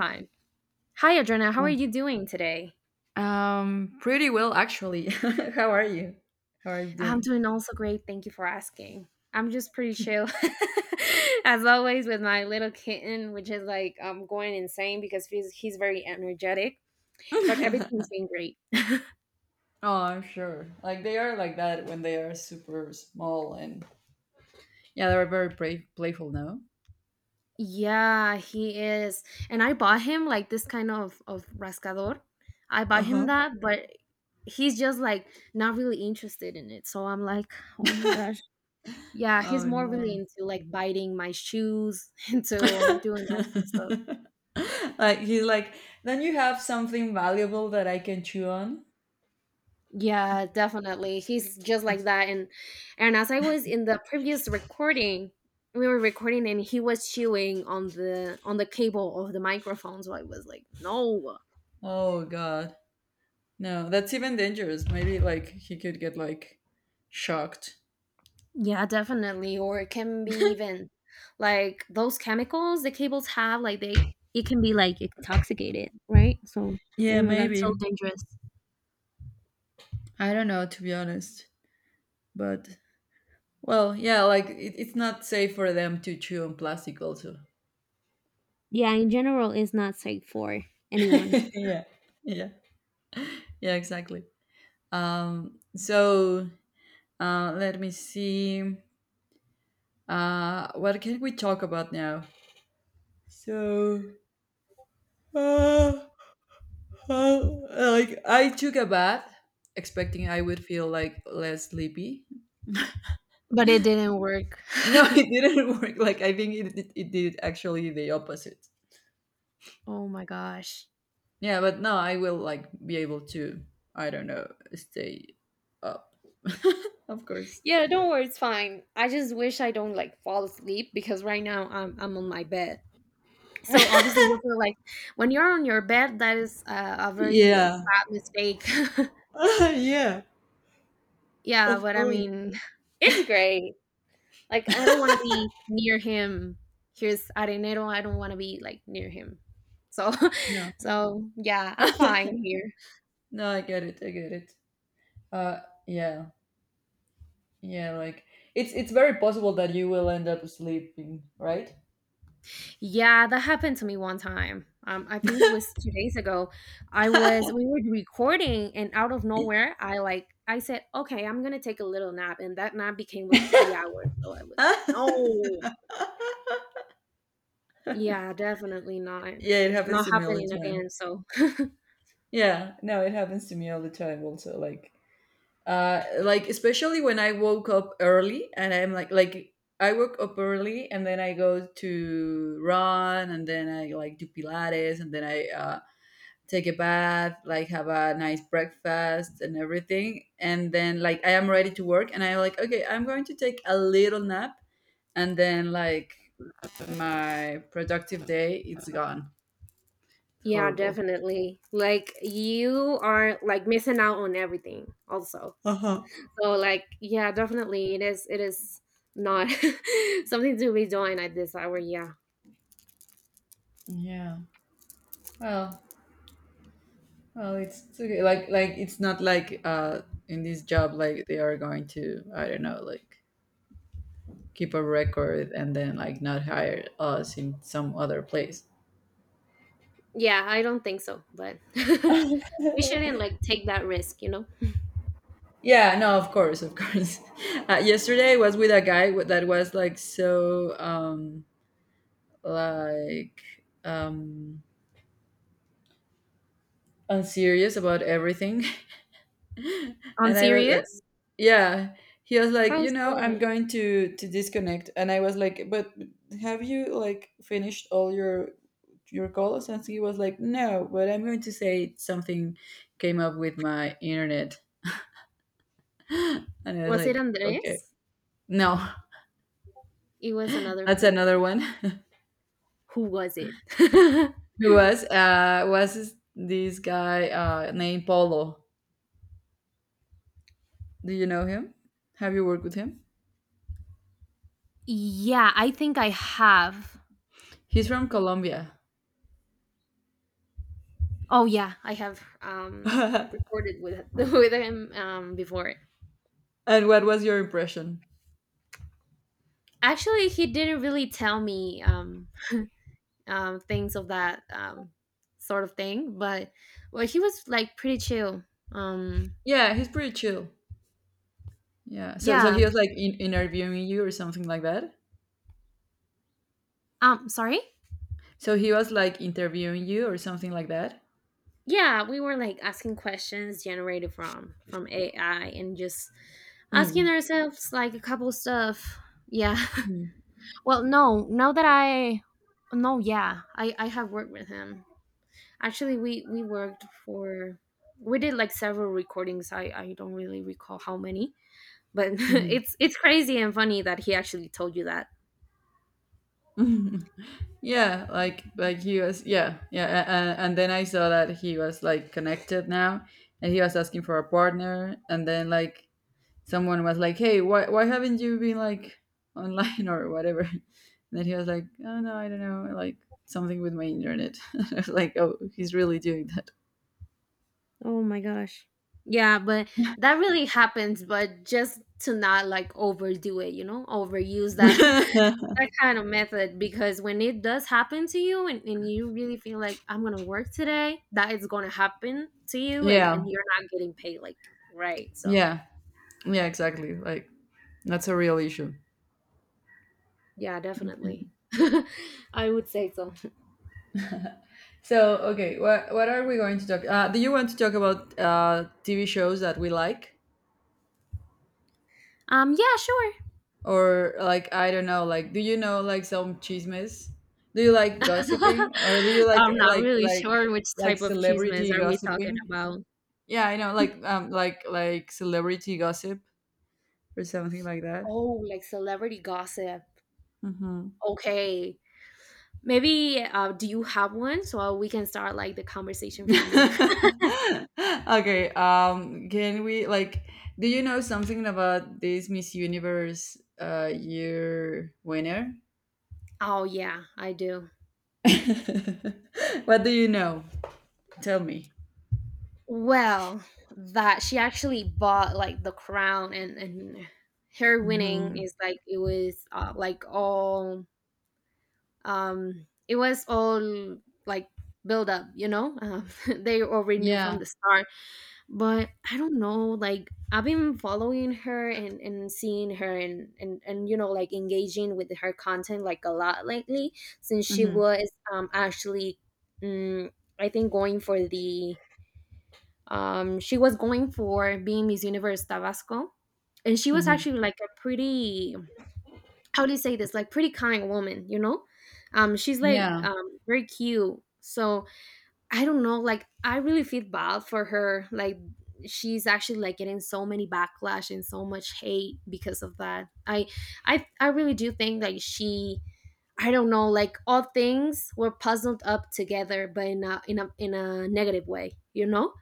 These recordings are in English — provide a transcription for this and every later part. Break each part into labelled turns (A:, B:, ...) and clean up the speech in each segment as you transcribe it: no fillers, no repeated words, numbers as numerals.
A: Fine. Hi, Adriana. How are
B: Mm.
A: you doing today?
B: Um, Pretty well actually. How are you? How are you
A: I'm
B: doing?
A: doing also great. Thank you for asking. I'm just pretty chill, as always, with my little kitten, which is like going insane because he's very energetic. But
B: Oh,
A: everything's been great.
B: I'm sure. Like they are like that when they are super small and yeah, they're very playful now.
A: Yeah, he is. And I bought him like this kind of rascador. I
B: Uh
A: bought him
B: huh.
A: that, but he's just like not really interested in it. So I'm like, oh my gosh. Yeah, he's
B: Oh
A: more really
B: no.
A: into like biting my shoes, into doing that kind of stuff.
B: Like he's like, don't you have something valuable that I can chew on?
A: Yeah, definitely. He's just like that. And as I was in the previous recording, we were recording and he was chewing on the cable of the microphone. So I was like, no.
B: Oh god, no, that's even dangerous. Maybe like he could get like shocked.
A: Yeah, definitely. Or it can be even like those chemicals the cables have, like they it can be like intoxicated, right? So oh
B: Yeah,
A: my god, so
B: maybe.
A: dangerous.
B: I don't know, to be honest, but well, yeah, like it's not safe for them to chew on plastic also.
A: Yeah, in general it's not safe for anyone.
B: Yeah. Yeah. Yeah, exactly. So let me see. What can we talk about now? So uh, uh like I took a bath expecting I would feel like less sleepy.
A: But it didn't work.
B: No, it didn't work. Like I think it did actually the opposite.
A: Oh my gosh.
B: Yeah, but no, I will like be able to, I don't know, stay up. Of course.
A: Yeah, don't worry, it's fine. I just wish I don't like fall asleep because right now I'm on my bed. So obviously you feel like when you're on your bed, that is a very like
B: Yeah.
A: bad mistake.
B: Yeah,
A: Yeah,
B: of
A: but I
B: course.
A: mean, it's great. Like I don't want to be near him. Here's Arenero. I don't want to be like near him. So,
B: No.
A: so yeah, I'm fine here.
B: No, I get it. I get it. Uh yeah. Yeah, like it's very possible that you will end up sleeping, right?
A: Yeah, that happened to me one time. I think it was 2 days ago. I was We were recording, and out of nowhere, I said, "Okay, I'm gonna take a little nap," and that nap became like 3 hours. So I was like, "No, yeah, definitely not,
B: Yeah, it happens
A: not
B: to me all the
A: happening
B: time.
A: again." So
B: Yeah, no, it happens to me all the time also, like like, especially when I woke up early and I'm like, I woke up early and then I go to run and then I like do pilates and then I take a bath, like have a nice breakfast and everything, and then like I am ready to work and I'm like, okay, I'm going to take a little nap, and then like my productive day, it's gone. It's
A: yeah,
B: horrible.
A: definitely. Like you are like missing out on everything, also.
B: Uh-huh.
A: So like yeah, definitely, it is not something to be doing at this hour. Yeah.
B: Yeah. Well Well, it's okay. Like it's not like in this job, like they are going to, I don't know, like keep a record and then like not hire us in some other place.
A: Yeah, I don't think so, but we shouldn't like take that risk, you know?
B: Yeah, no, of course, of course. Yesterday I was with a guy that was like so like um unserious about everything,
A: On
B: and I was.
A: serious?
B: Yeah, he was like,
A: How
B: you know, I'm
A: so?
B: going to disconnect, and I was like, but have you like finished all your calls? And he was like, no, but I'm going to say something came up with my internet, and I was
A: Was it
B: like, okay.
A: Andres?
B: No,
A: It was another
B: that's another
A: person.
B: one.
A: Who was it?
B: Who was this this guy named Polo? Do you know him? Have you worked with him?
A: Yeah, I think I have.
B: He's from Colombia.
A: Oh yeah, I have
B: And
A: recorded with with him before.
B: what was your impression?
A: Actually, he didn't really tell me um things of that sort of thing, but well, he was like pretty chill. Um
B: Yeah, he's pretty chill. Yeah. So
A: yeah.
B: he was like interviewing you or something like that.
A: Sorry?
B: So he was like interviewing you or something like that.
A: Yeah, we were like asking questions generated from AI and just asking
B: Mm.
A: ourselves like a couple stuff, yeah.
B: Mm.
A: Well, no now that I no yeah I have worked with him. Actually, we worked for, we did like several recordings. I don't really recall how many, but
B: Mhm.
A: it's crazy and funny that he actually told you that.
B: Mhm. Yeah, like he was, yeah, yeah, and then I saw that he was like connected now, and he was asking for a partner, and then like someone was like, hey, why haven't you been like online or whatever? And then he was like, oh no, I don't know, like something with my internet. I was like, oh, he's really doing that.
A: Oh my gosh. Yeah, but that really happens, but just to not like overdo it, you know, overuse that that kind of method because when it does happen to you and you really feel like I'm gonna work today, that is gonna happen to you and,
B: Yeah,
A: and you're not getting paid like, right. So
B: yeah. Yeah, exactly. Like that's a real issue.
A: yeah, definitely. I would say so.
B: So okay, what are we going to talk? Do you want to talk about TV shows that we like,
A: Yeah, sure.
B: or like I don't know, like do you know like some chismes? Do you like gossiping, or do you like
A: I'm not really sure which type of cheesemans
B: celebrity
A: are we talking
B: gossiping?
A: about.
B: Yeah, I know, like like celebrity gossip or something like that.
A: Oh, like celebrity gossip.
B: Mhm.
A: Okay. Maybe do you have one so we can start like the conversation from there?
B: Okay. Can we like? Do you know something about this Miss Universe year winner?
A: Oh yeah, I do.
B: What do you know? Tell me.
A: Well, that she actually bought like the crown and her winning is like it was like all it was all like build up, you know? They already knew
B: Yeah.
A: from the start, but I don't know, like I've been following her and seeing her and, and you know, like engaging with her content like a lot lately, since she
B: Hmm.
A: was actually um, I think going for the she was going for being Miss Universe Tabasco, and she was
B: Hmm.
A: actually like a pretty, how do you say this, like pretty kind woman, you know, she's like
B: Yeah.
A: very cute. So I don't know, like I really feel bad for her. Like she's actually like getting so many backlash and so much hate because of that. I really do think like she, I don't know, like all things were puzzled up together but in a in a negative way, you know?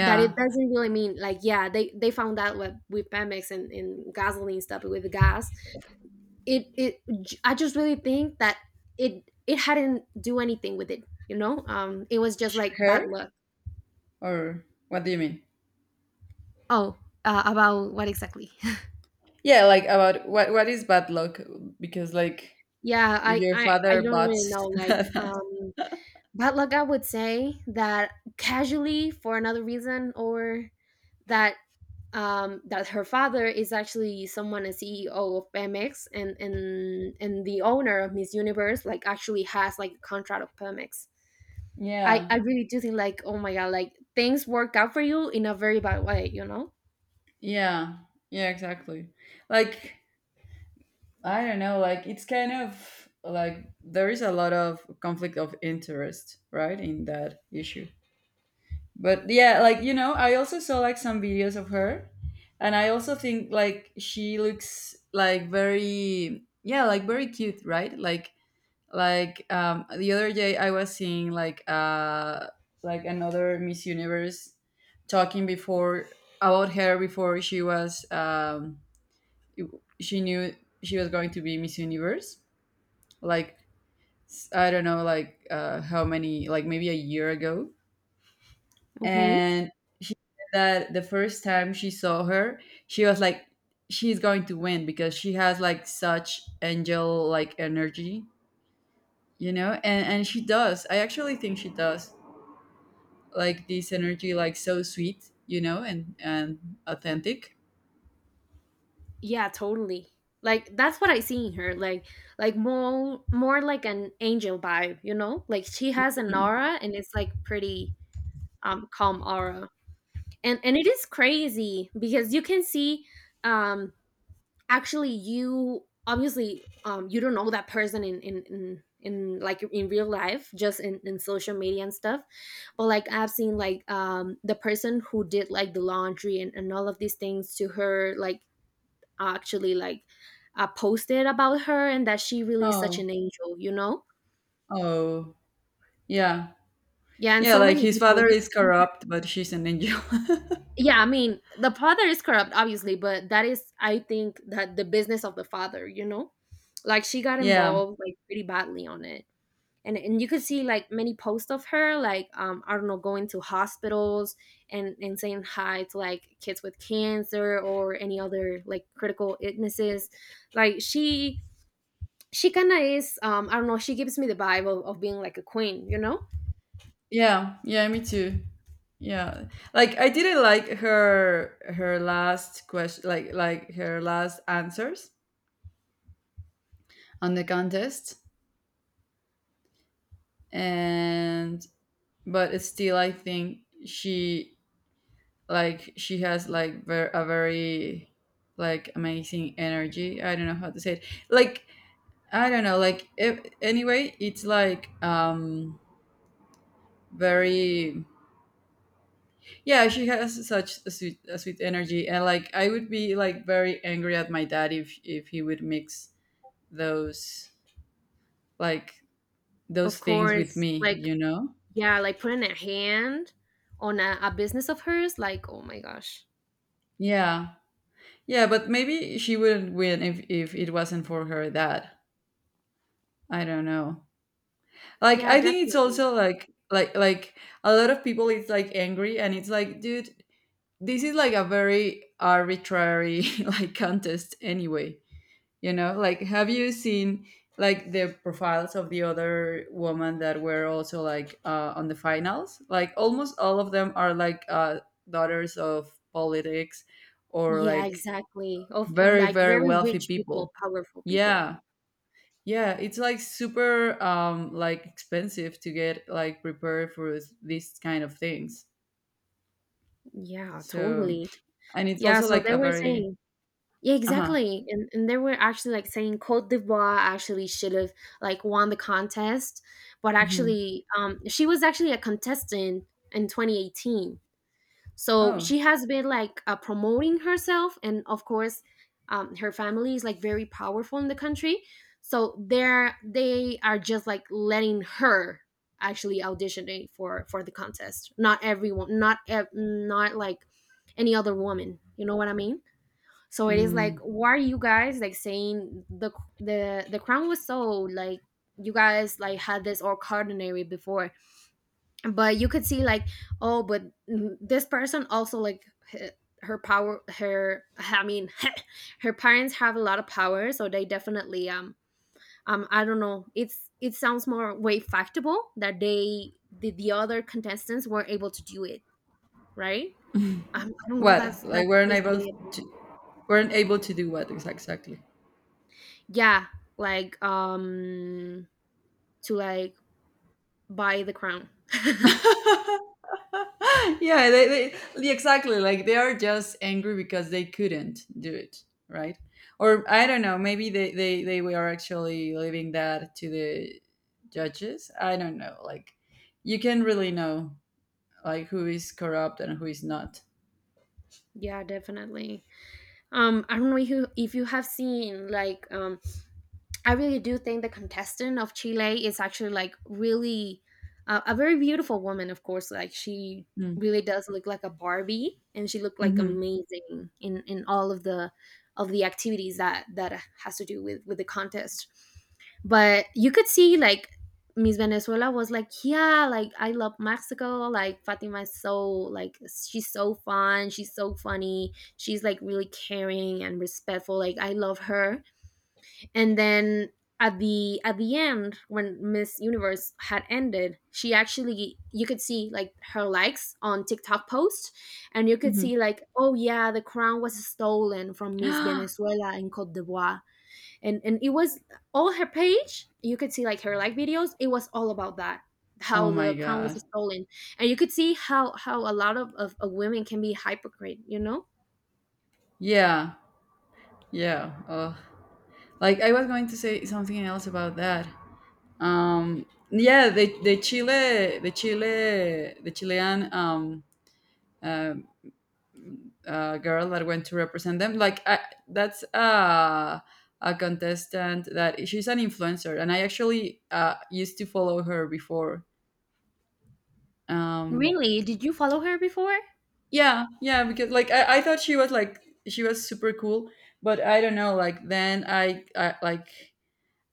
A: That it doesn't really mean like, yeah, they found out with Pemex and gasoline stuff with the gas. It I just really think that it hadn't do anything with it, you know? It was just like bad
B: Her,
A: luck.
B: or what do you mean?
A: Oh, about what exactly?
B: Yeah, like about what is bad luck? Because like
A: Yeah,
B: if your father
A: I don't
B: bought...
A: really know. Like, bad luck, I would say that casually for another reason, or that that her father is actually someone, a CEO of Pemex, and and the owner of Miss Universe, like actually has like a contract of Pemex. I
B: Yeah.
A: really do think like, oh my god, like things work out for you in a very bad way, you know.
B: Yeah. Yeah, exactly. Like I don't know, like it's kind of like there is a lot of conflict of interest, right, in that issue. But yeah, like I also saw like some videos of her, and I also think like she looks like very, yeah, like very cute, right? Like the other day I was seeing like another Miss Universe talking before about her, before she was she knew she was going to be Miss Universe, like I don't know, like how many, like maybe a year ago,
A: Okay.
B: and she said that the first time she saw her, she was like, she's going to win because she has like such angel like energy, and she does. I actually think she does, like this energy, like so sweet, and authentic.
A: Yeah, totally. Like that's what I see in her. Like more like an angel vibe, you know? Like she has an
B: Mm.
A: aura and it's like pretty calm aura. And it is crazy because you can see um actually you obviously you don't know that person in like in real life, just in social media and stuff. But like I've seen like the person who did like the laundry and all of these things to her, like actually like posted about her and that she really is such
B: Oh,
A: an angel, you know?
B: oh, yeah,
A: Yeah, and
B: yeah.
A: so
B: Like
A: many
B: his
A: people
B: father
A: you
B: is
A: could see that.
B: corrupt, but she's an angel.
A: Yeah, I mean, the father is corrupt, obviously, but that is, I think, that the business of the father, you know? Like she got
B: Yeah,
A: involved like pretty badly on it. And you could see like many posts of her, like I don't know, going to hospitals and saying hi to like kids with cancer or any other like critical illnesses. Like she kind of is, I don't know, she gives me the vibe of being like a queen, you know.
B: yeah, yeah. Me too. Yeah, like I didn't like her last question, like her last answers on the contest, and but it's still, I think she she has like a very like amazing energy. I don't know how to say it. Like I don't know, like if, anyway it's like very, yeah, she has such a sweet energy, and like I would be like very angry at my dad if he would mix those like
A: Of
B: things with
A: course,
B: me,
A: like
B: you know?
A: yeah, like putting a hand on a business of hers, like oh my gosh.
B: Yeah. Yeah, but maybe she wouldn't win if it wasn't for her dad. I don't know. Like
A: Yeah,
B: I think it's
A: definitely.
B: also like a lot of people, it's like angry, and it's like, dude, this is like a very arbitrary like contest anyway. Like have you seen like the profiles of the other women that were also like on the finals? Like almost all of them are like daughters of politics, or
A: Yeah,
B: like
A: exactly, of
B: very
A: like
B: very
A: very
B: wealthy
A: rich
B: people.
A: people, powerful people.
B: Yeah, yeah, it's like super like expensive to get like prepared for these kind of things,
A: Yeah,
B: so,
A: totally.
B: and it's
A: Yeah,
B: also
A: so
B: like
A: they
B: a
A: were
B: very...
A: saying, yeah,
B: Uh-huh.
A: exactly, and they were actually like saying Cote d'Ivoire actually should have like won the contest. But
B: Mhm.
A: actually she was actually a contestant in 2018, so
B: Oh.
A: she has been like promoting herself, and of course her family is like very powerful in the country, so they are just like letting her actually auditioning for the contest, not everyone, not like any other woman, you know what I mean? So it is like, why are you guys like saying the the crown was sold, like you guys like had this all ordinary before? But you could see like, oh, but mm, this person also like h- her power, her, I mean, her parents have a lot of power, so they definitely um I don't know, it's it sounds more way factable that the other contestants were able to do it, right? Um, I don't know,
B: What? Like
A: that's
B: weren't
A: just the
B: able
A: way it,
B: to do what exactly?
A: yeah, like to like buy the crown.
B: Yeah, they, yeah, exactly, like they are just angry because they couldn't do it, right? Or I don't know, maybe they were actually leaving that to the judges. I don't know. Like you can really know like who is corrupt and who is not.
A: Yeah, definitely. Um, I don't know if you have seen like I really do think the contestant of Chile is actually like really, a very beautiful woman. Of course, like she really does look like a Barbie, and she looked like
B: Mm-hmm.
A: amazing in all of the activities that that has to do with the contest. But you could see like Miss Venezuela was like, yeah, like I love Mexico. Like Fatima is so like she's so fun, she's so funny, she's like really caring and respectful. Like I love her. And then at the end when Miss Universe had ended, she actually, you could see like her likes on TikTok post, and you could
B: Hmm.
A: see like, oh yeah, the crown was stolen from Miss Venezuela in Cote d'Ivoire. And it was all her page, you could see like her like videos, it was all about that,
B: Oh
A: how
B: my
A: the crown was
B: god.
A: stolen. And you could see how a lot of, of women can be hypocrite, you know.
B: Yeah. Yeah. Ugh. Like I was going to say something else about that. Um, yeah, the Chilean uh, girl that went to represent them. Like that's a contestant that she's an influencer, and I actually used to follow her before. Um,
A: Really, did you follow her before?
B: yeah, yeah, because like I thought she was super cool, but I don't know. Like then I, I like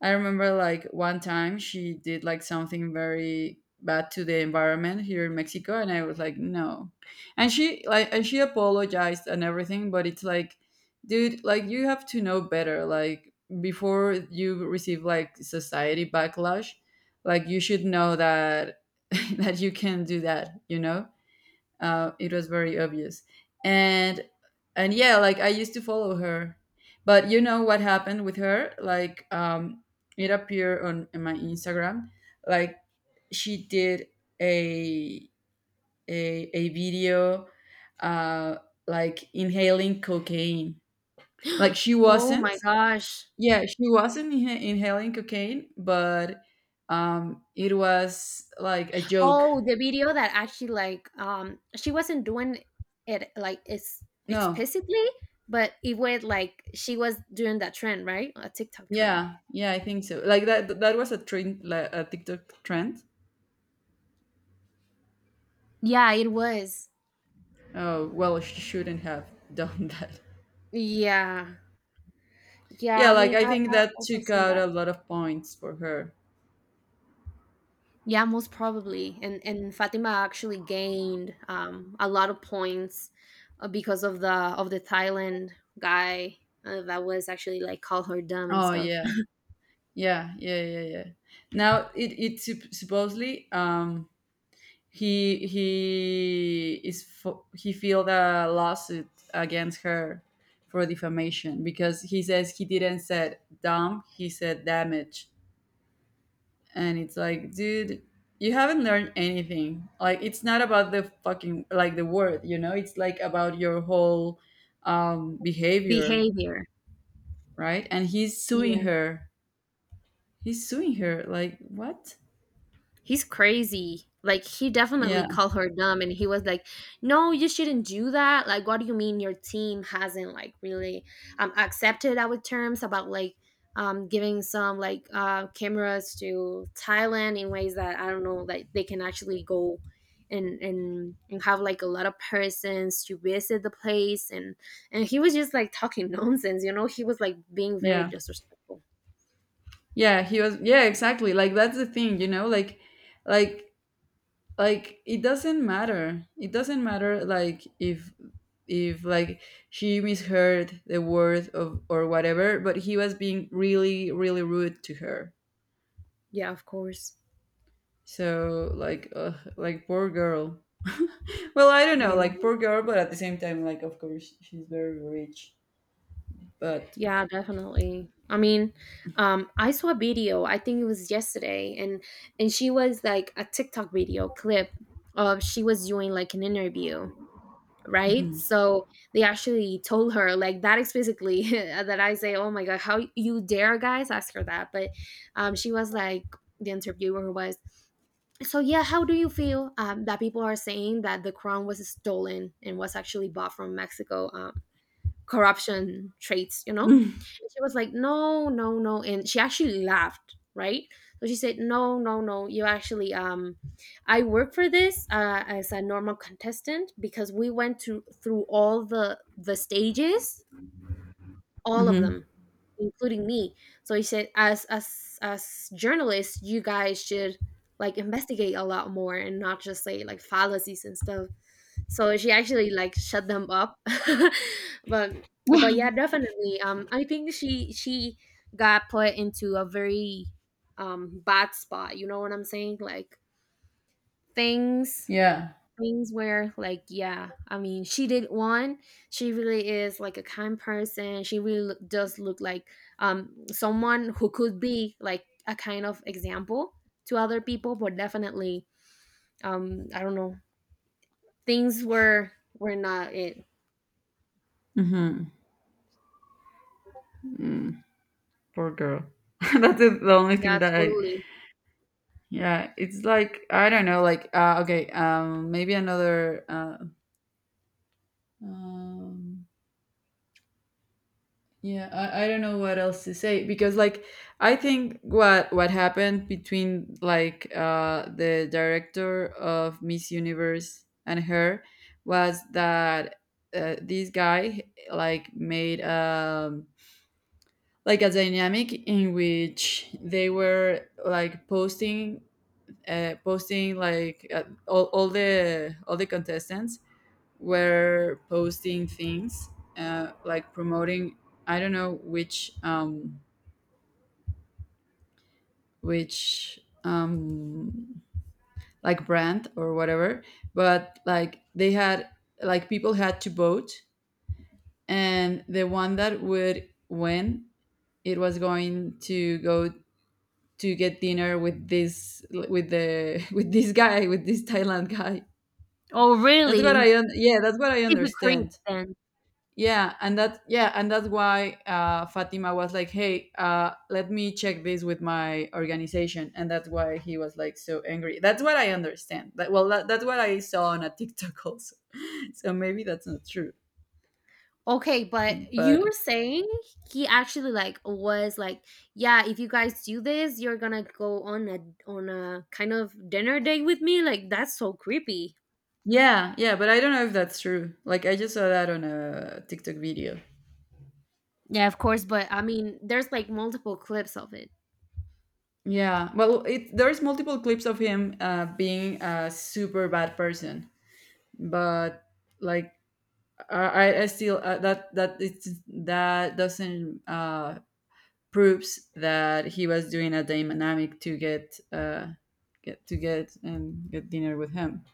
B: I remember like one time she did like something very bad to the environment here in Mexico, and I was like, no. And she apologized and everything, but it's like, dude, like you have to know better, like before you receive like society backlash, like you should know that that you can do that, you know? It was very obvious, and and yeah, like I used to follow her. But you know what happened with her, like it appeared on in my Instagram, like she did a a video uh like inhaling cocaine. Like she
A: Oh my
B: wasn't,
A: gosh.
B: yeah, she wasn't inhaling cocaine, but it was like a joke.
A: Oh, the video that actually like she wasn't doing it like it's
B: No.
A: explicitly, but it was like she was doing that trend, right? A TikTok trend.
B: Yeah, yeah, I think so. Like that was a trend, like a TikTok trend.
A: Yeah, it was.
B: Oh, well, she shouldn't have done that.
A: Yeah. Yeah,
B: Yeah,
A: I
B: like
A: mean
B: I think
A: I
B: that
A: also
B: took
A: seen
B: out
A: that.
B: a lot of points for her.
A: Yeah, most probably. And Fatima actually gained a lot of points because of the Thailand guy, that was actually like call her dumb and
B: Oh
A: stuff.
B: yeah, yeah, yeah, yeah, yeah. Now it supposedly, he filed a lawsuit against her for defamation, because he says he didn't said dumb, he said damage. And it's like, dude, you haven't learned anything. Like it's not about the fucking, like, the word, it's like about your whole behavior,
A: Behavior.
B: right? And he's suing
A: Yeah.
B: her, he's suing her. Like what?
A: He's crazy. Like he definitely
B: Yeah,
A: called her dumb and he was like, "No, you shouldn't do that. Like what do you mean your team hasn't like really accepted our terms about like giving some like cameras to Thailand in ways that I don't know like they can actually go and have like a lot of persons to visit the place, and he was just like talking nonsense, you know? He was like being very
B: yeah,
A: disrespectful.
B: yeah, he was, yeah, exactly, like that's the thing, like like it doesn't matter, it doesn't matter, like if like she misheard the word of or whatever, but he was being really really rude to her.
A: Yeah, of course.
B: So like like, poor girl. Well, I don't know,
A: Yeah.
B: like poor girl, but at the same time, like of course she's very rich. But...
A: Yeah, definitely. I mean, I saw a video. I think it was yesterday, and she was like a TikTok video clip of she was doing like an interview, right?
B: Mhm.
A: So they actually told her like that explicitly that I say, "Oh my god, how you dare guys ask her that?" But she was like the interviewer was. So yeah, how do you feel that people are saying that the crown was stolen and was actually bought from Mexico? Corruption traits, you know? And she was like, no, no, no. And she actually laughed, right? So she said, no, no, no. You actually, I work for this as a normal contestant because we went to, through all the stages, all of
B: Mhm.
A: them, including me. So he said, as journalists, you guys should like investigate a lot more and not just say like fallacies and stuff. So she actually like shut them up, but but yeah, definitely. I think she got put into a very bad spot. You know what I'm saying? Like things
B: Yeah.
A: things where like yeah, I mean she did one, she really is like a kind person. She really does look like someone who could be like a kind of example to other people, but definitely, I don't know, things were not it.
B: Mhm. Mm, Poor girl. That's the only thing
A: Yeah,
B: that I...
A: totally.
B: Yeah, it's like I don't know, like okay, maybe another. Um, Yeah, I don't know what else to say because like I think what happened between like the director of Miss Universe and her was that this guy like made like a dynamic in which they were like posting posting like all the contestants were posting things like promoting I don't know which which um like brand or whatever, but like they had like people had to vote, and the one that would win, it was going to go to get dinner with this, with the with this guy, with this Thailand guy.
A: Oh,
B: That's what
A: really?
B: yeah, that's what I
A: He's a creep
B: understand.
A: then.
B: Yeah, and that yeah, and that's why Fatima was like, hey, let me check this with my organization, and that's why he was like so angry. That's what I understand. That's what I saw on a TikTok also, so maybe that's not true.
A: Okay, but
B: But
A: you were saying he actually like was like, yeah, if you guys do this, you're gonna go on a kind of dinner date with me. Like that's so creepy.
B: yeah, yeah, but I don't know if that's true, like I just saw that on a TikTok video.
A: Yeah, of course, but I mean, there's like multiple clips of it.
B: Yeah, well there's multiple clips of him being a super bad person. But like I still that doesn't proves that he was doing a dynamic to get to get and get dinner with him.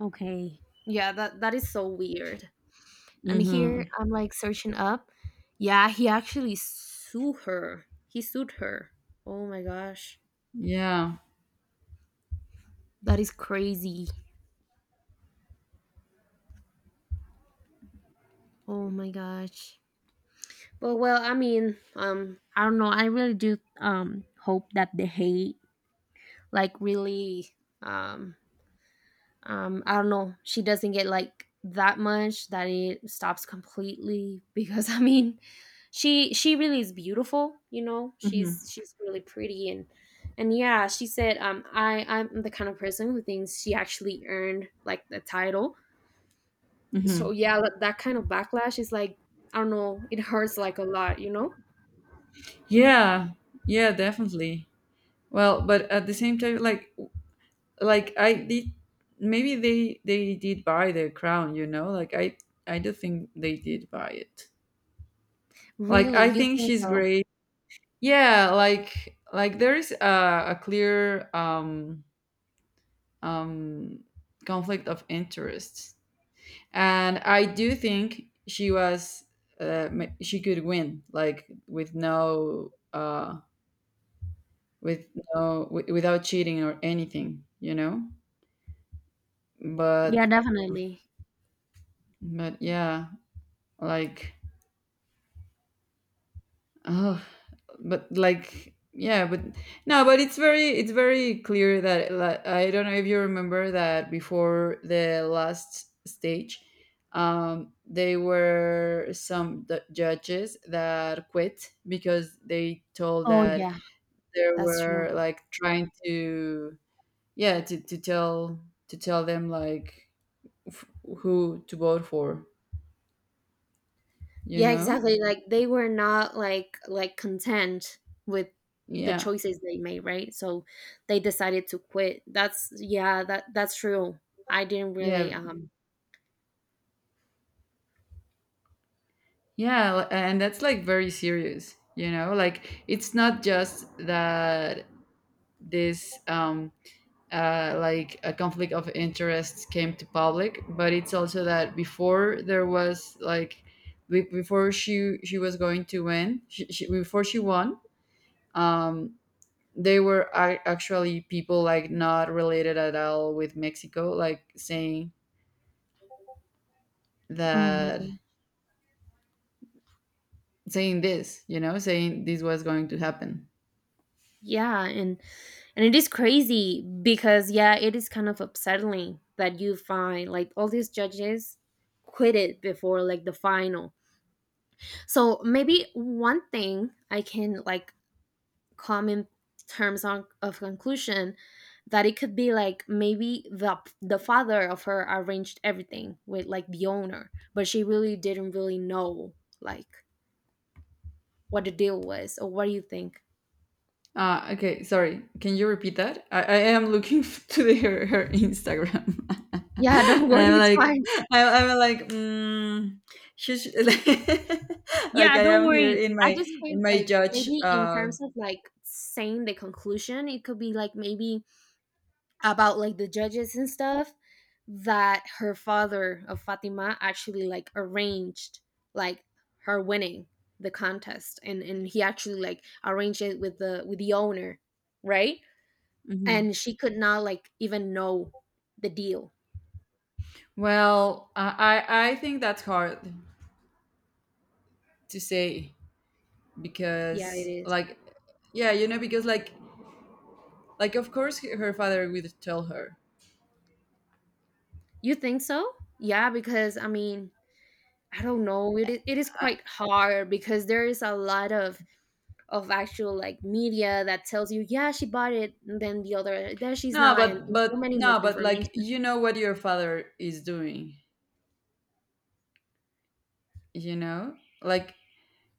A: Okay. Yeah, that that is so weird. And
B: Mm-hmm.
A: here I'm like searching up. Yeah, he actually sued her. He sued her. Oh my gosh.
B: Yeah.
A: That is crazy. Oh my gosh. But well, I mean, I don't know. I really do hope that the hate, like, really, um, I don't know. She doesn't get like that much that it stops completely because I mean, she really is beautiful. You know,
B: Mm-hmm.
A: she's really pretty. And yeah, she said, I I'm the kind of person who thinks she actually earned like the title.
B: Mm-hmm.
A: So yeah, that, that kind of backlash is like I don't know. It hurts like a lot. You know,
B: Yeah. Yeah. Definitely. Well, but at the same time, like I did, maybe they did buy the crown. You know, like I do think they did buy it. Like
A: really,
B: I
A: you
B: think
A: think
B: she's
A: so?
B: great. Yeah, like there is a clear um conflict of interests, and I do think she was, she could win like with no with without cheating or anything, you know.
A: Yeah,
B: But
A: definitely.
B: but yeah like but like yeah but No, but it's very, it's very clear that like, I don't know if you remember that before the last stage, they were some judges that quit because they told
A: Oh,
B: that
A: yeah,
B: they
A: that's true.
B: were like trying to, yeah, to tell, to tell them like f- who to vote for, you
A: Yeah,
B: know.
A: exactly. Like they were not like like content with the
B: Yeah,
A: choices they made, right? So they decided to quit. That's yeah, that that's true. I didn't
B: yeah.
A: really
B: Yeah, and that's like very serious, you know? Like it's not just that this like a conflict of interests came to public, but it's also that before there was like before she was going to win, before she won, um they were actually people like not related at all with Mexico like saying
A: Oh my
B: that,
A: god.
B: saying this, you know, saying this was going to happen.
A: Yeah, and it is crazy because yeah, it is kind of upsetting that you find like all these judges quit it before like the final. So maybe one thing I can like come in terms on, of conclusion that it could be like maybe the father of her arranged everything with like the owner, but she really didn't really know like what the deal was. Or what do you think?
B: Okay, sorry. Can you repeat that? I am looking to the, her, her Instagram,
A: Yeah, don't
B: and
A: worry,
B: I'm
A: it's
B: like,
A: fine.
B: I'm like, mm, she sh- like like
A: Yeah,
B: I
A: don't
B: am here
A: worry. I just came
B: in my
A: like
B: judge.
A: maybe in terms of like saying the conclusion, it could be like maybe about like the judges and stuff, that her father of Fatima actually like arranged like her winning the contest, and he actually like arranged it with the owner, right?
B: Mhm.
A: And she could not like even know the deal.
B: Well, I think that's hard to say
A: Yeah, it
B: because
A: is.
B: like yeah, you know, because like of course her father would tell her.
A: You think so? Yeah, because I mean, I don't know. It is
B: I,
A: quite hard because there is a lot of actual like media that tells you, yeah, she bought it, and then the other, then she's
B: no,
A: not, and so
B: but
A: many
B: no, but like
A: misinformation.
B: you know what your father is doing, you know, like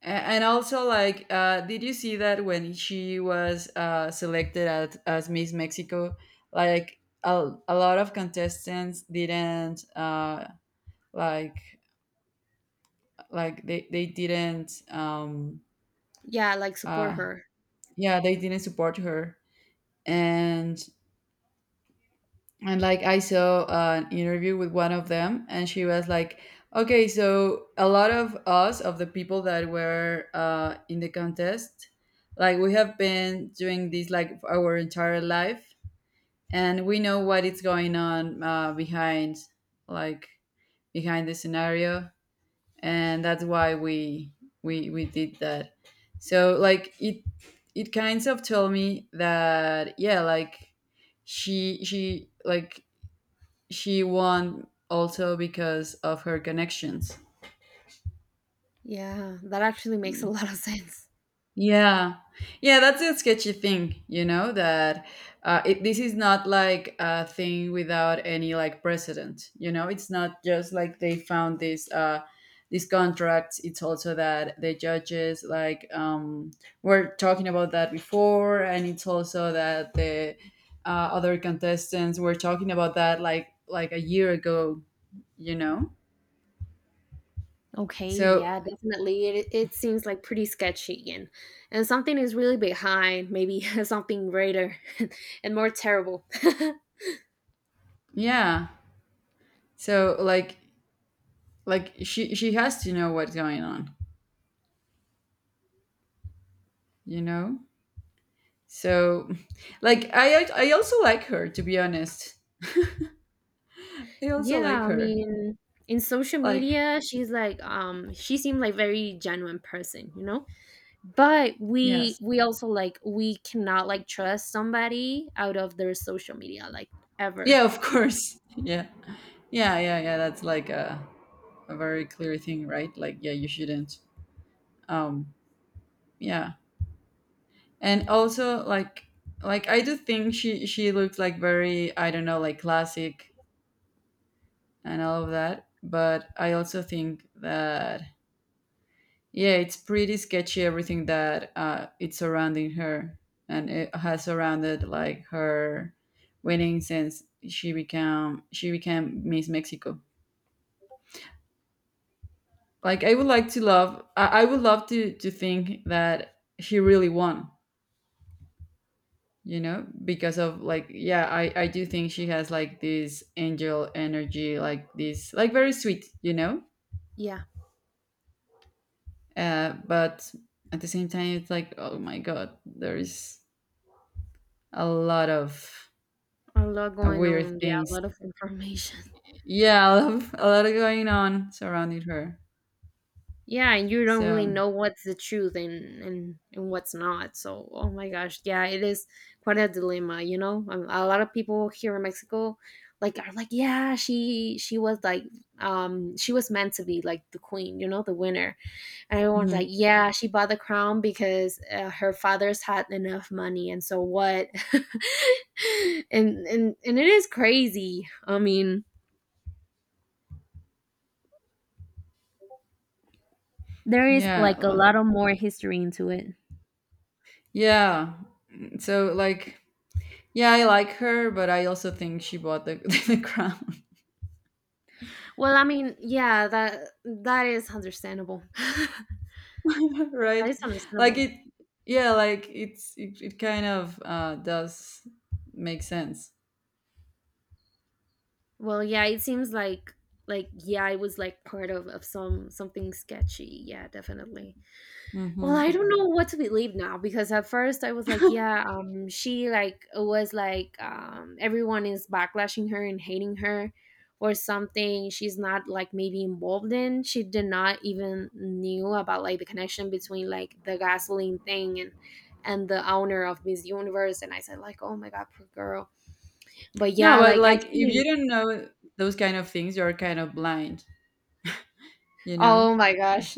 B: and also like did you see that when she was selected as Miss Mexico, like a lot of contestants didn't like like they didn't
A: Yeah, like support
B: uh
A: her.
B: yeah, they didn't support her. and and like I saw an interview with one of them and she was like, okay, so a lot of us of the people that were in the contest, like we have been doing this like for our entire life, and we know what is going on behind, like behind the scenario, and that's why we, we did that. So like it kind of told me that yeah, like she she like she won also because of her connections.
A: Yeah, that actually makes a lot of sense.
B: Yeah, yeah, that's a sketchy thing, you know, that this is not like a thing without any like precedent, you know, it's not just like they found this. These contracts, it's also that the judges like were talking about that before, and it's also that the other contestants were talking about that a year ago, you know.
A: Okay,
B: So
A: yeah, definitely. It seems like pretty sketchy, and something is really behind, maybe something greater and more terrible.
B: yeah, so like she has to know what's going on, you know? So like I also like her, to be honest. I also like
A: Yeah, I
B: her.
A: mean, in social
B: Like
A: media, she's like she seemed like very genuine person, you know? But we
B: yes.
A: we also like we cannot like trust somebody out of their social media like
B: Yeah,
A: ever.
B: of course. Yeah. Yeah, yeah, yeah, that's like a very clear thing, right? Like yeah, you shouldn't. Um yeah. And also like I do think she looked like very, I don't know, like classic and all of that, but I also think that, yeah, it's pretty sketchy everything that it's surrounding her, and it has surrounded like her winning since she became Miss Mexico. Like I would like to love, I would love to think that she really won, you know, because of like yeah, I do think she has like this angel energy, like this like very sweet, you know,
A: Yeah,
B: but at the same time it's like, oh my god, there is a lot of
A: a lot going
B: weird
A: on. Yeah, a
B: things.
A: lot of information.
B: Yeah, a lot, a lot of going on surrounded her.
A: Yeah, and you don't really
B: So,
A: know what's the truth and and what's not. So, oh my gosh, yeah, it is quite a dilemma, you know. A lot of people here in Mexico, like, are like, yeah, she was like, she was meant to be like the queen, you know, the winner, and everyone's
B: mhm.
A: like, yeah, she bought the crown because her father's had enough money, and so what? And and it is crazy. I mean, there is
B: yeah,
A: like a
B: l-
A: lot of more history into it.
B: yeah. Mm, so, like, yeah, I like her, but I also think she bought the, the crown,
A: Well, I mean, yeah, that that is understandable. That
B: right?
A: is
B: Like
A: understandable.
B: it, yeah, like it kind of does make sense.
A: Well, yeah, it seems like yeah, it was like part of some something sketchy. Yeah, definitely. Well, I
B: Hmm.
A: don't know what to believe now because at first I was like, yeah, she like was like everyone is backlashing her and hating her or something. She's not like maybe involved in. She did not even knew about like the connection between like the gasoline thing and the owner of Miss Universe. And I said like, oh my god, poor girl. But
B: No,
A: yeah,
B: but
A: like
B: like if you
A: actually,
B: don't know those kind of things, you're kind of blind, you know.
A: oh my gosh,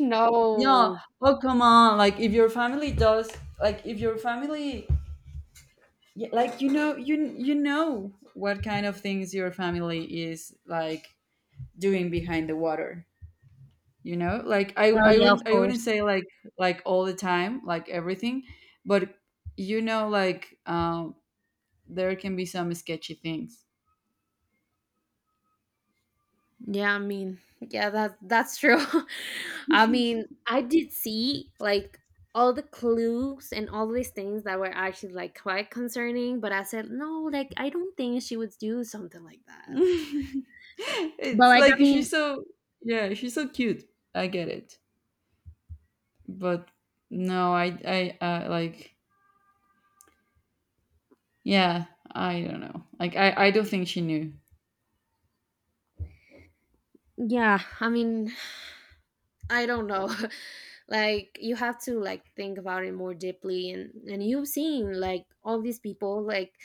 B: Yeah.
A: no.
B: Oh, come on. Like if your family does, like if your family, yeah, like you know, you know what kind of things your family is like doing behind the water. You know, like I
A: Well,
B: I
A: yeah, of
B: wouldn't, I wouldn't
A: course.
B: say like all the time, like everything, but you know, like there can be some sketchy things.
A: Yeah, I mean, yeah, that that's true. I mean, I did see like all the clues and all these things that were actually like quite concerning, but I said no, like I don't think she would do something like that. But
B: It's
A: like, I
B: like she's
A: mean,
B: so, yeah, she's so cute. I get it, but no, I like. Yeah, I don't know. Like I don't think she knew.
A: yeah, I mean, I don't know. Like you have to like think about it more deeply, and you've seen like all these people like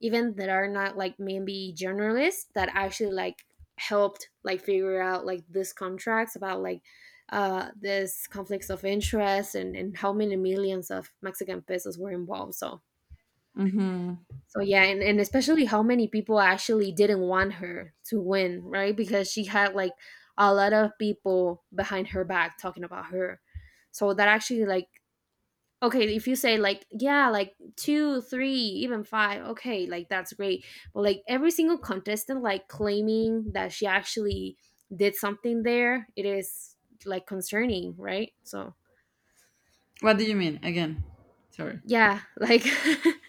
A: even that are not like maybe journalists that actually like helped like figure out like this contracts about like this conflicts of interest, and how many millions of mexican pesos were involved. So
B: Mm-hmm.
A: so yeah, and especially how many people actually didn't want her to win, right? Because she had like a lot of people behind her back talking about her. So that actually like okay, if you say like yeah, like two, three, even five, okay, like that's great. But like every single contestant like claiming that she actually did something there, it is like concerning, right? So
B: What do you mean again? Sorry.
A: yeah, like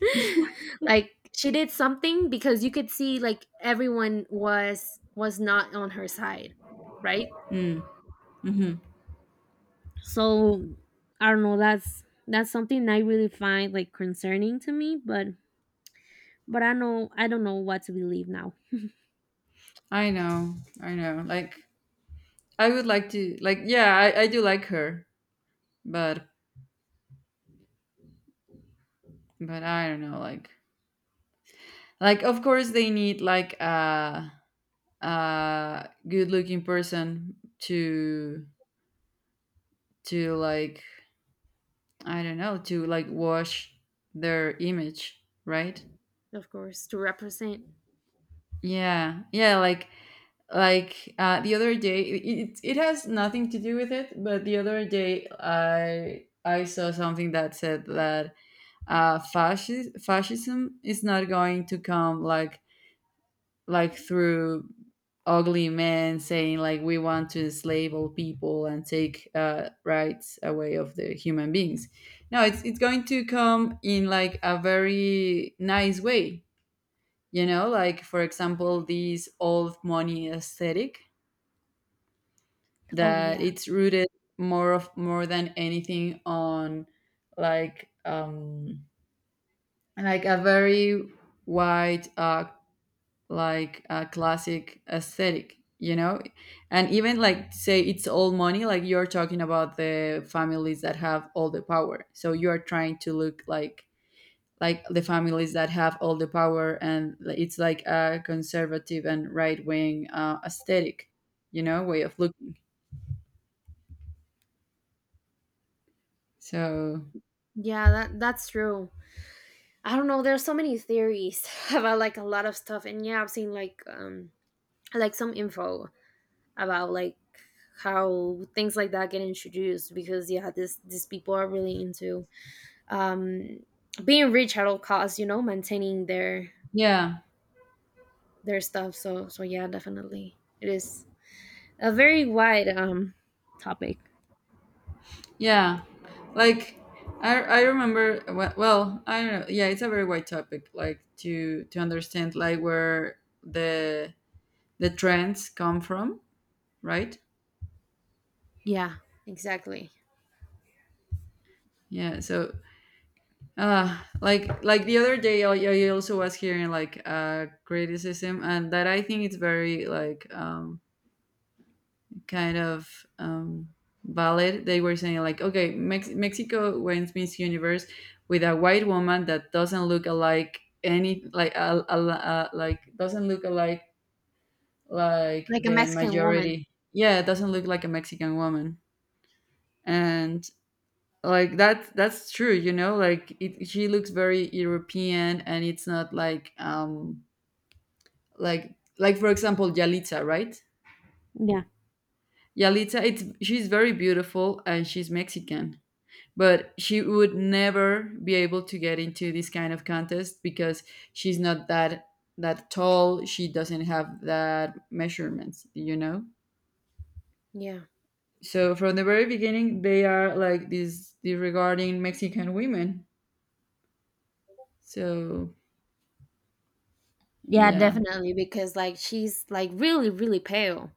A: like she did something because you could see like everyone was not on her side, right?
B: Mm, mm-hmm.
A: So I don't know, that's something I really find like concerning to me, but I know I don't know what to believe now.
B: I know. I know. Like I would like to. Like yeah, I do like her, but but I don't know. Like of course they need like a good looking person to like, I don't know, to like wash their image, right?
A: Of course, to represent.
B: Yeah, yeah, like the other day it has nothing to do with it, but the other day I saw something that said that fascism is not going to come like through ugly men saying like we want to enslave all people and take rights away of the human beings. No, it's going to come in like a very nice way, you know, like for example this old money aesthetic
A: Oh
B: that
A: yeah.
B: it's rooted more than anything on like um like a very wide like classic aesthetic, you know. And even like say it's all money, like you're talking about the families that have all the power, so you are trying to look like the families that have all the power, and like, it's like a conservative and right wing aesthetic, you know, way of looking. So
A: Yeah, that that's true. I don't know. There's so many theories about like a lot of stuff, and yeah, I've seen like some info about like how things like that get introduced because yeah, this these people are really into um being rich at all costs. You know, maintaining
B: yeah.
A: their stuff. So so yeah, definitely it is a very wide topic.
B: Yeah, like I remember well, I don't know. Yeah, it's a very wide topic like to understand like where the trends come from, right?
A: Yeah, exactly.
B: Yeah, so like the other day I also was hearing like criticism, and that I think it's very like kind of ballot, they were saying like, okay, Mexico wins Miss Universe with a white woman that doesn't look alike any like like doesn't look alike like
A: Like a
B: the
A: Mexican woman.
B: majority. Yeah, it doesn't look like a Mexican woman, and like that that's true. You know, she looks very European, and it's not like like for example Yalitza, right?
A: Yeah.
B: Yalitza, it's she's very beautiful and she's Mexican, but she would never be able to get into this kind of contest because she's not that tall, she doesn't have that measurements, you know.
A: Yeah.
B: So from the very beginning they are like this disregarding Mexican women. So
A: Yeah,
B: yeah.
A: definitely because like she's like really really pale.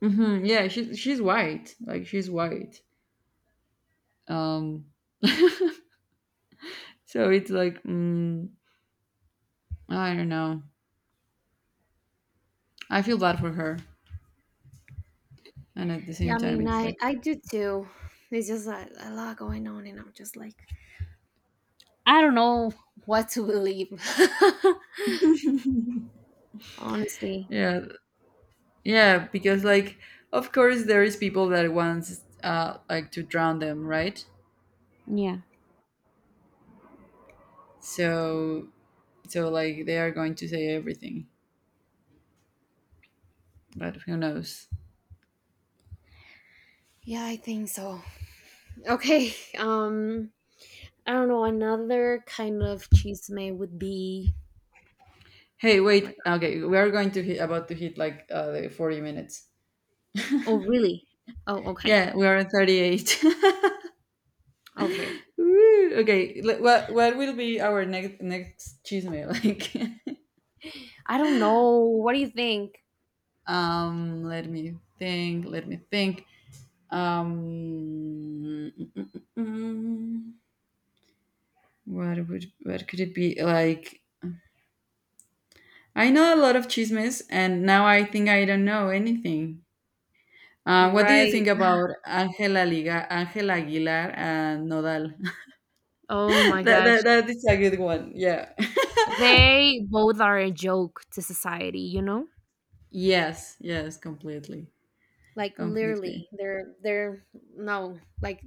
B: Hmm, yeah, she's white, like she's white. um so it's like, mm, I don't know. I feel bad for her, and at the same
A: Yeah, I
B: time
A: mean
B: it's like,
A: I do too. It's just like a lot going on and I'm just like what to believe. Honestly.
B: yeah. Yeah, because like of course there is people that wants like to drown them, right? So so like they are going to say everything, but who knows?
A: Yeah, I think so. Okay. I don't know, another kind of chisme would be
B: Hey,
A: Oh my
B: wait.
A: god.
B: Okay, we are going to hit about to hit like the 40 minutes.
A: Oh, really? Oh, okay.
B: Yeah, we are at 38.
A: Okay.
B: Woo! Okay, what will be our next chisme like?
A: I don't know. What do you think?
B: Um, let me think. Let me think. Um, mm, mm, mm, mm. Mm. What would, what could it be like? I know a lot of chismes, and now I think I don't know anything. What do you think
A: Right.
B: about Angela Liga, Angela Aguilar, and Nodal?
A: Oh my gosh.
B: That is a good one. Yeah.
A: They both are a joke to society, you know?
B: Yes. Yes. Completely.
A: Like literally
B: Completely.
A: they're no like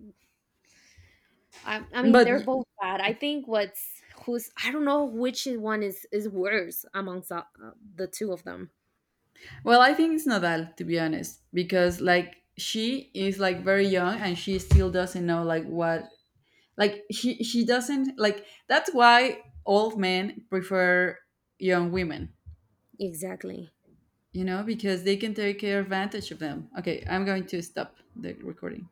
A: I mean
B: But
A: they're both bad. I think what's who's I don't know which one is worse amongst the two of them
B: well, I think it's Nodal to be honest, because like she is like very young and she still doesn't know like what, like she doesn't, like that's why old men prefer young women,
A: exactly.
B: you know, because they can take advantage of them. Okay, I'm going to stop the recording.